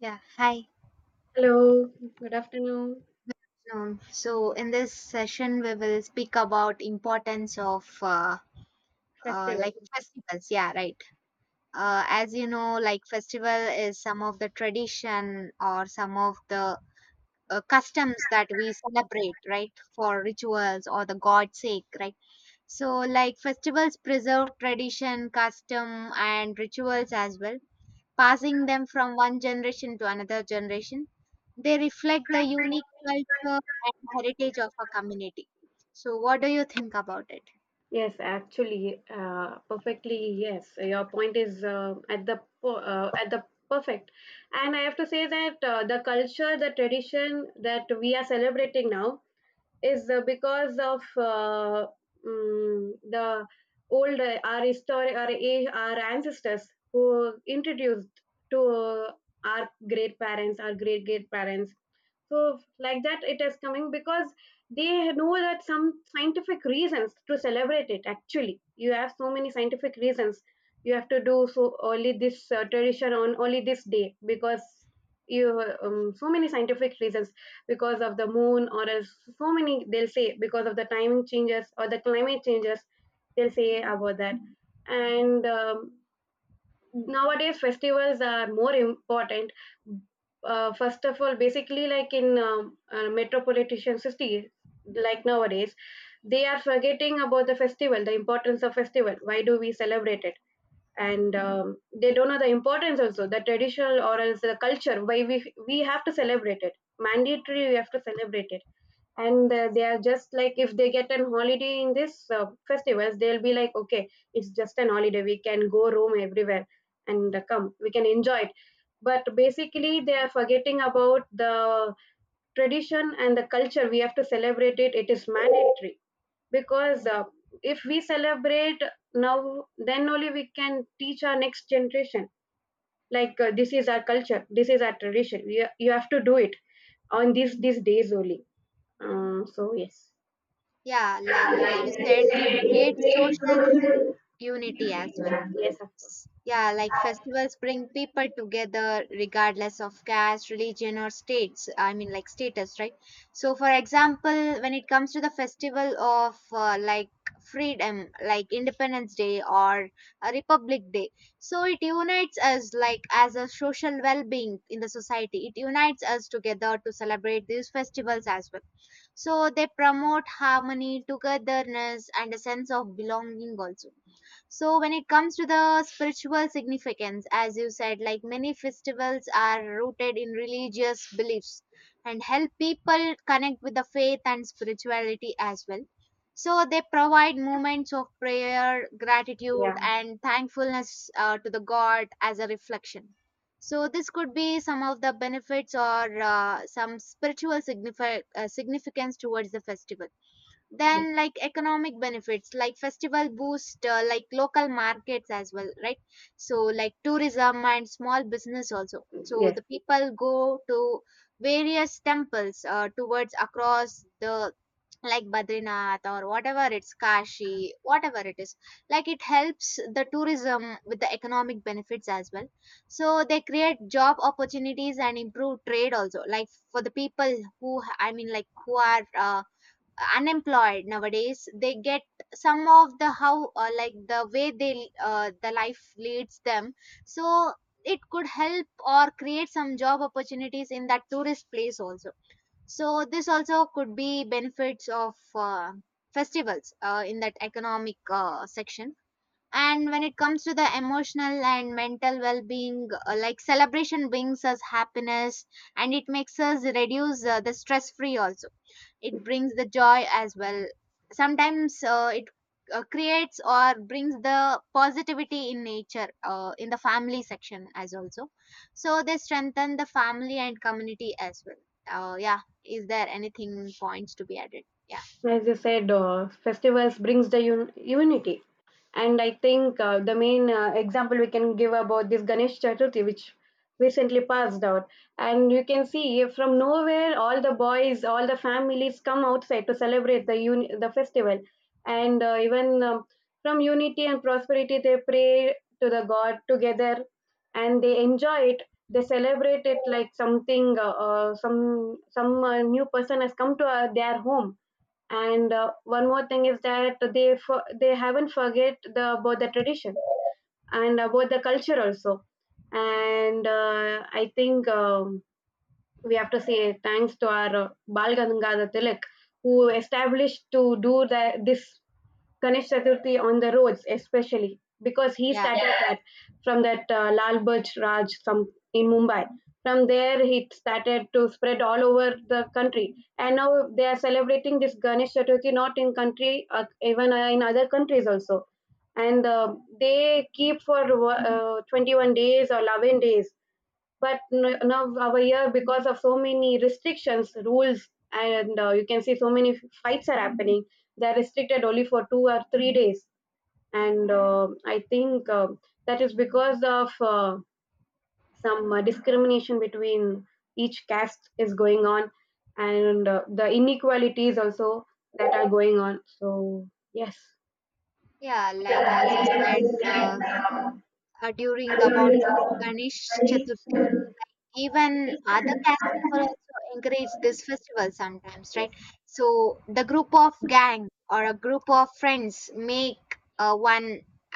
Yeah, hi. Hello, good afternoon. So in this session, we will speak about importance of Festival. like festivals. Yeah, right. As you know, like festival is some of the tradition or some of the customs that we celebrate, right, for rituals or the God's sake, right. So like festivals preserve tradition, custom, and rituals as well, passing them from one generation to another generation. They reflect the unique culture and heritage of a community. So, what do you think about it? Yes, actually, perfectly. Yes, your point is at the perfect, and I have to say that the culture, the tradition that we are celebrating now is because of the old our history, our age, our ancestors who introduced to our great parents, our great great parents. So like that it is coming because they know that some scientific reasons to celebrate it actually. You have so many scientific reasons. You have to do so only this tradition on only this day, because you so many scientific reasons, because of the moon or else so many they'll say, because of the timing changes or the climate changes they'll say about that. And nowadays festivals are more important. First of all basically like in metropolitan cities, like nowadays they are forgetting about the festival, the importance of festival, why do we celebrate it. And they don't know the importance also, the traditional or else the culture, why we have to celebrate it, mandatory we have to celebrate it. And they are just like, if they get an holiday in this festivals, they'll be like okay, it's just an holiday, we can go roam everywhere and come we can enjoy it. But basically they are forgetting about the tradition and the culture, we have to celebrate it, it is mandatory. Because if we celebrate now then only we can teach our next generation, like this is our culture, this is our tradition, you have to do it on these days only. So yes. Yeah, like as you Yes, said, it creates social unity as well. of course. Yeah, like festivals bring people together regardless of caste, religion, or states. I mean, like status, right? So, for example, when it comes to the festival of like freedom, like Independence Day or a Republic Day, so it unites us like as a social well being in the society. It unites us together to celebrate these festivals as well. So they promote harmony, togetherness, and a sense of belonging also. So when it comes to the spiritual significance, as you said, like many festivals are rooted in religious beliefs and help people connect with the faith and spirituality as well. So they provide moments of prayer, gratitude, Yeah. and thankfulness to the God as a reflection. So this could be some of the benefits or some spiritual significance towards the festival. Yeah. Then like economic benefits, like festival boost like local markets as well, right? So like tourism and small business also. So Yes. the people go to various temples towards across the like Badrinath or whatever it's Kashi, whatever it is. Like it helps the tourism with the economic benefits as well. So they create job opportunities and improve trade also. Like for the people who I mean like who are unemployed nowadays, they get some of the how like the way they the life leads them. So it could help or create some job opportunities in that tourist place also. So this also could be benefits of festivals in that economic section. And when it comes to the emotional and mental well-being, like celebration brings us happiness and it makes us reduce the stress-free also. It brings the joy as well. Sometimes it creates or brings the positivity in nature in the family section as also. So they strengthen the family and community as well. Yeah, is there anything points to be added? yeah As you said, festivals brings the unity, and I think the main example we can give about this Ganesh Chaturthi, which recently passed out, and you can see from nowhere all the boys, all the families come outside to celebrate the festival, and even from unity and prosperity they pray to the God together, and they enjoy it. They celebrate it like something, some new person has come to their home. And one more thing is that they haven't forget the about the tradition and about the culture also. And I think we have to say thanks to our Bal Gangadhar Tilak, who established to do this Ganesh Chaturthi on the roads, especially because he yeah started, yeah, that from that Lal Burj Raj some in Mumbai. From there, it started to spread all over the country, and now they are celebrating this Ganesh Chaturthi not in country, even in other countries also, and they keep for 21 days or 11 days. But now over here, because of so many restrictions rules and you can see so many fights are happening, they're restricted only for 2 or 3 days. And I think that is because of some discrimination between each caste is going on, and the inequalities also that are going on. So yes. yeah like as you said, during about Yes. the ganesh chaturthi. Even other caste people also encourage this festival sometimes, right? So the group of gang or a group of friends make one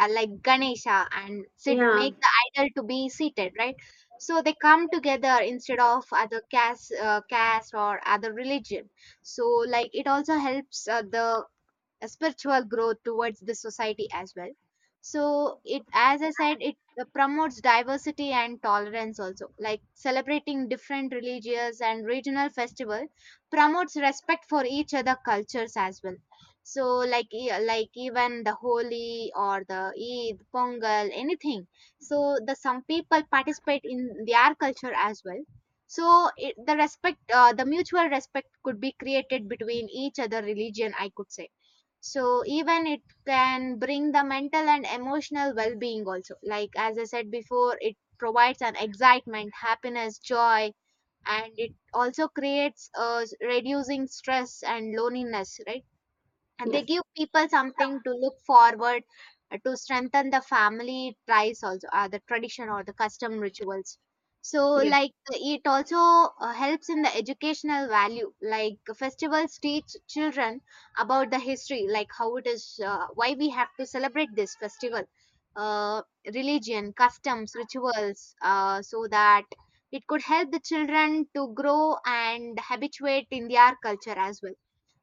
like Ganesha and sit, Yeah, make the idol to be seated, right? So they come together instead of other caste, caste or other religion. So like it also helps the a spiritual growth towards the society as well. So, it as I said, it promotes diversity and tolerance also, like celebrating different religious and regional festival promotes respect for each other cultures as well. So, like like even the holi or the eid, pongal, anything. So the some people participate in their culture as well. So it, the respect, the mutual respect could be created between each other religion, I could say. So even it can bring the mental and emotional well-being also, like as I said before, it provides an excitement, happiness, joy, and it also creates reducing stress and loneliness, right? And they yes, give people something to look forward to, strengthen the family ties also, the tradition or the custom rituals. So yes, like it also helps in the educational value, like festivals teach children about the history, like how it is, why we have to celebrate this festival, uh, religion, customs, rituals, so that it could help the children to grow and habituate in their culture as well.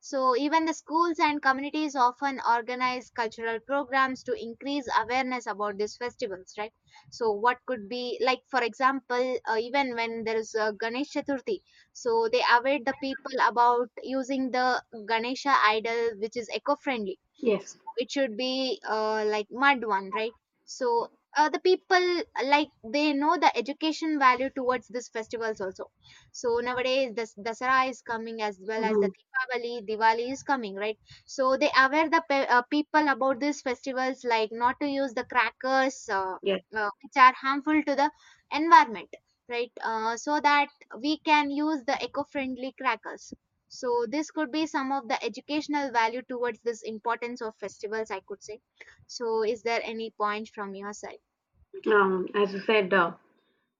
So, even the schools and communities often organize cultural programs to increase awareness about these festivals, right? So, what could be like, for example, even when there is Ganesh Chaturthi, so they aware the people about using the Ganesha idol, which is eco-friendly. yes. So, it should be like mud one, right? So, the people like they know the education value towards these festivals also. So nowadays, the Dasara is coming as well as Mm-hmm. the Deepavali, Diwali is coming, right? So they aware the people about these festivals, like not to use the crackers, Yes. Which are harmful to the environment, right? So that we can use the eco-friendly crackers. So this could be some of the educational value towards this importance of festivals, I could say. So is there any point from your side? As you said, uh,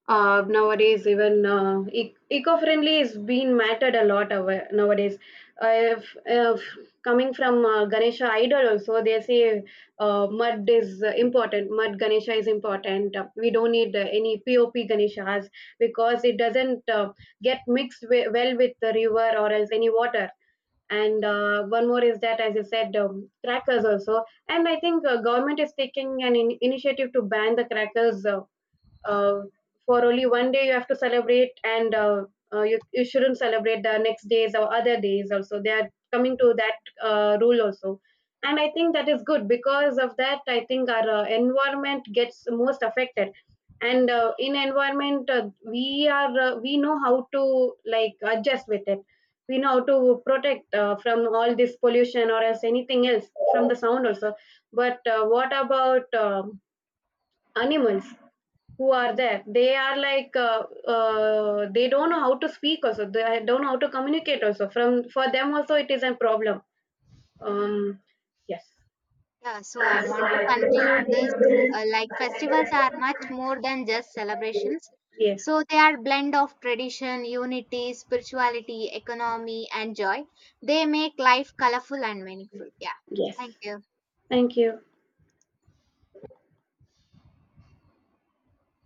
uh, nowadays even eco-friendly is being mattered a lot nowadays. If coming from ganesha idol also, they say mud is important, mud ganesha is important, we don't need any pop ganeshas because it doesn't get mixed well with the river or else any water. And one more is that as I said, crackers also. And I think government is taking an initiative to ban the crackers, uh, for only one day you have to celebrate. And you shouldn't celebrate the next days or other days also, they are coming to that rule also. And I think that is good, because of that I think our environment gets most affected. And in environment, we know how to like adjust with it, we know how to protect from all this pollution or else anything else, from the sound also. But what about animals who are there, they are like they don't know how to speak also, they don't know how to communicate also, from for them also it is a problem. um yes. Yeah, so I want to conclude this. Like festivals are much more than just celebrations. Yes. So they are blend of tradition, unity, spirituality, economy and joy. They make life colorful and meaningful. Yeah. Yes. Thank you. Thank you.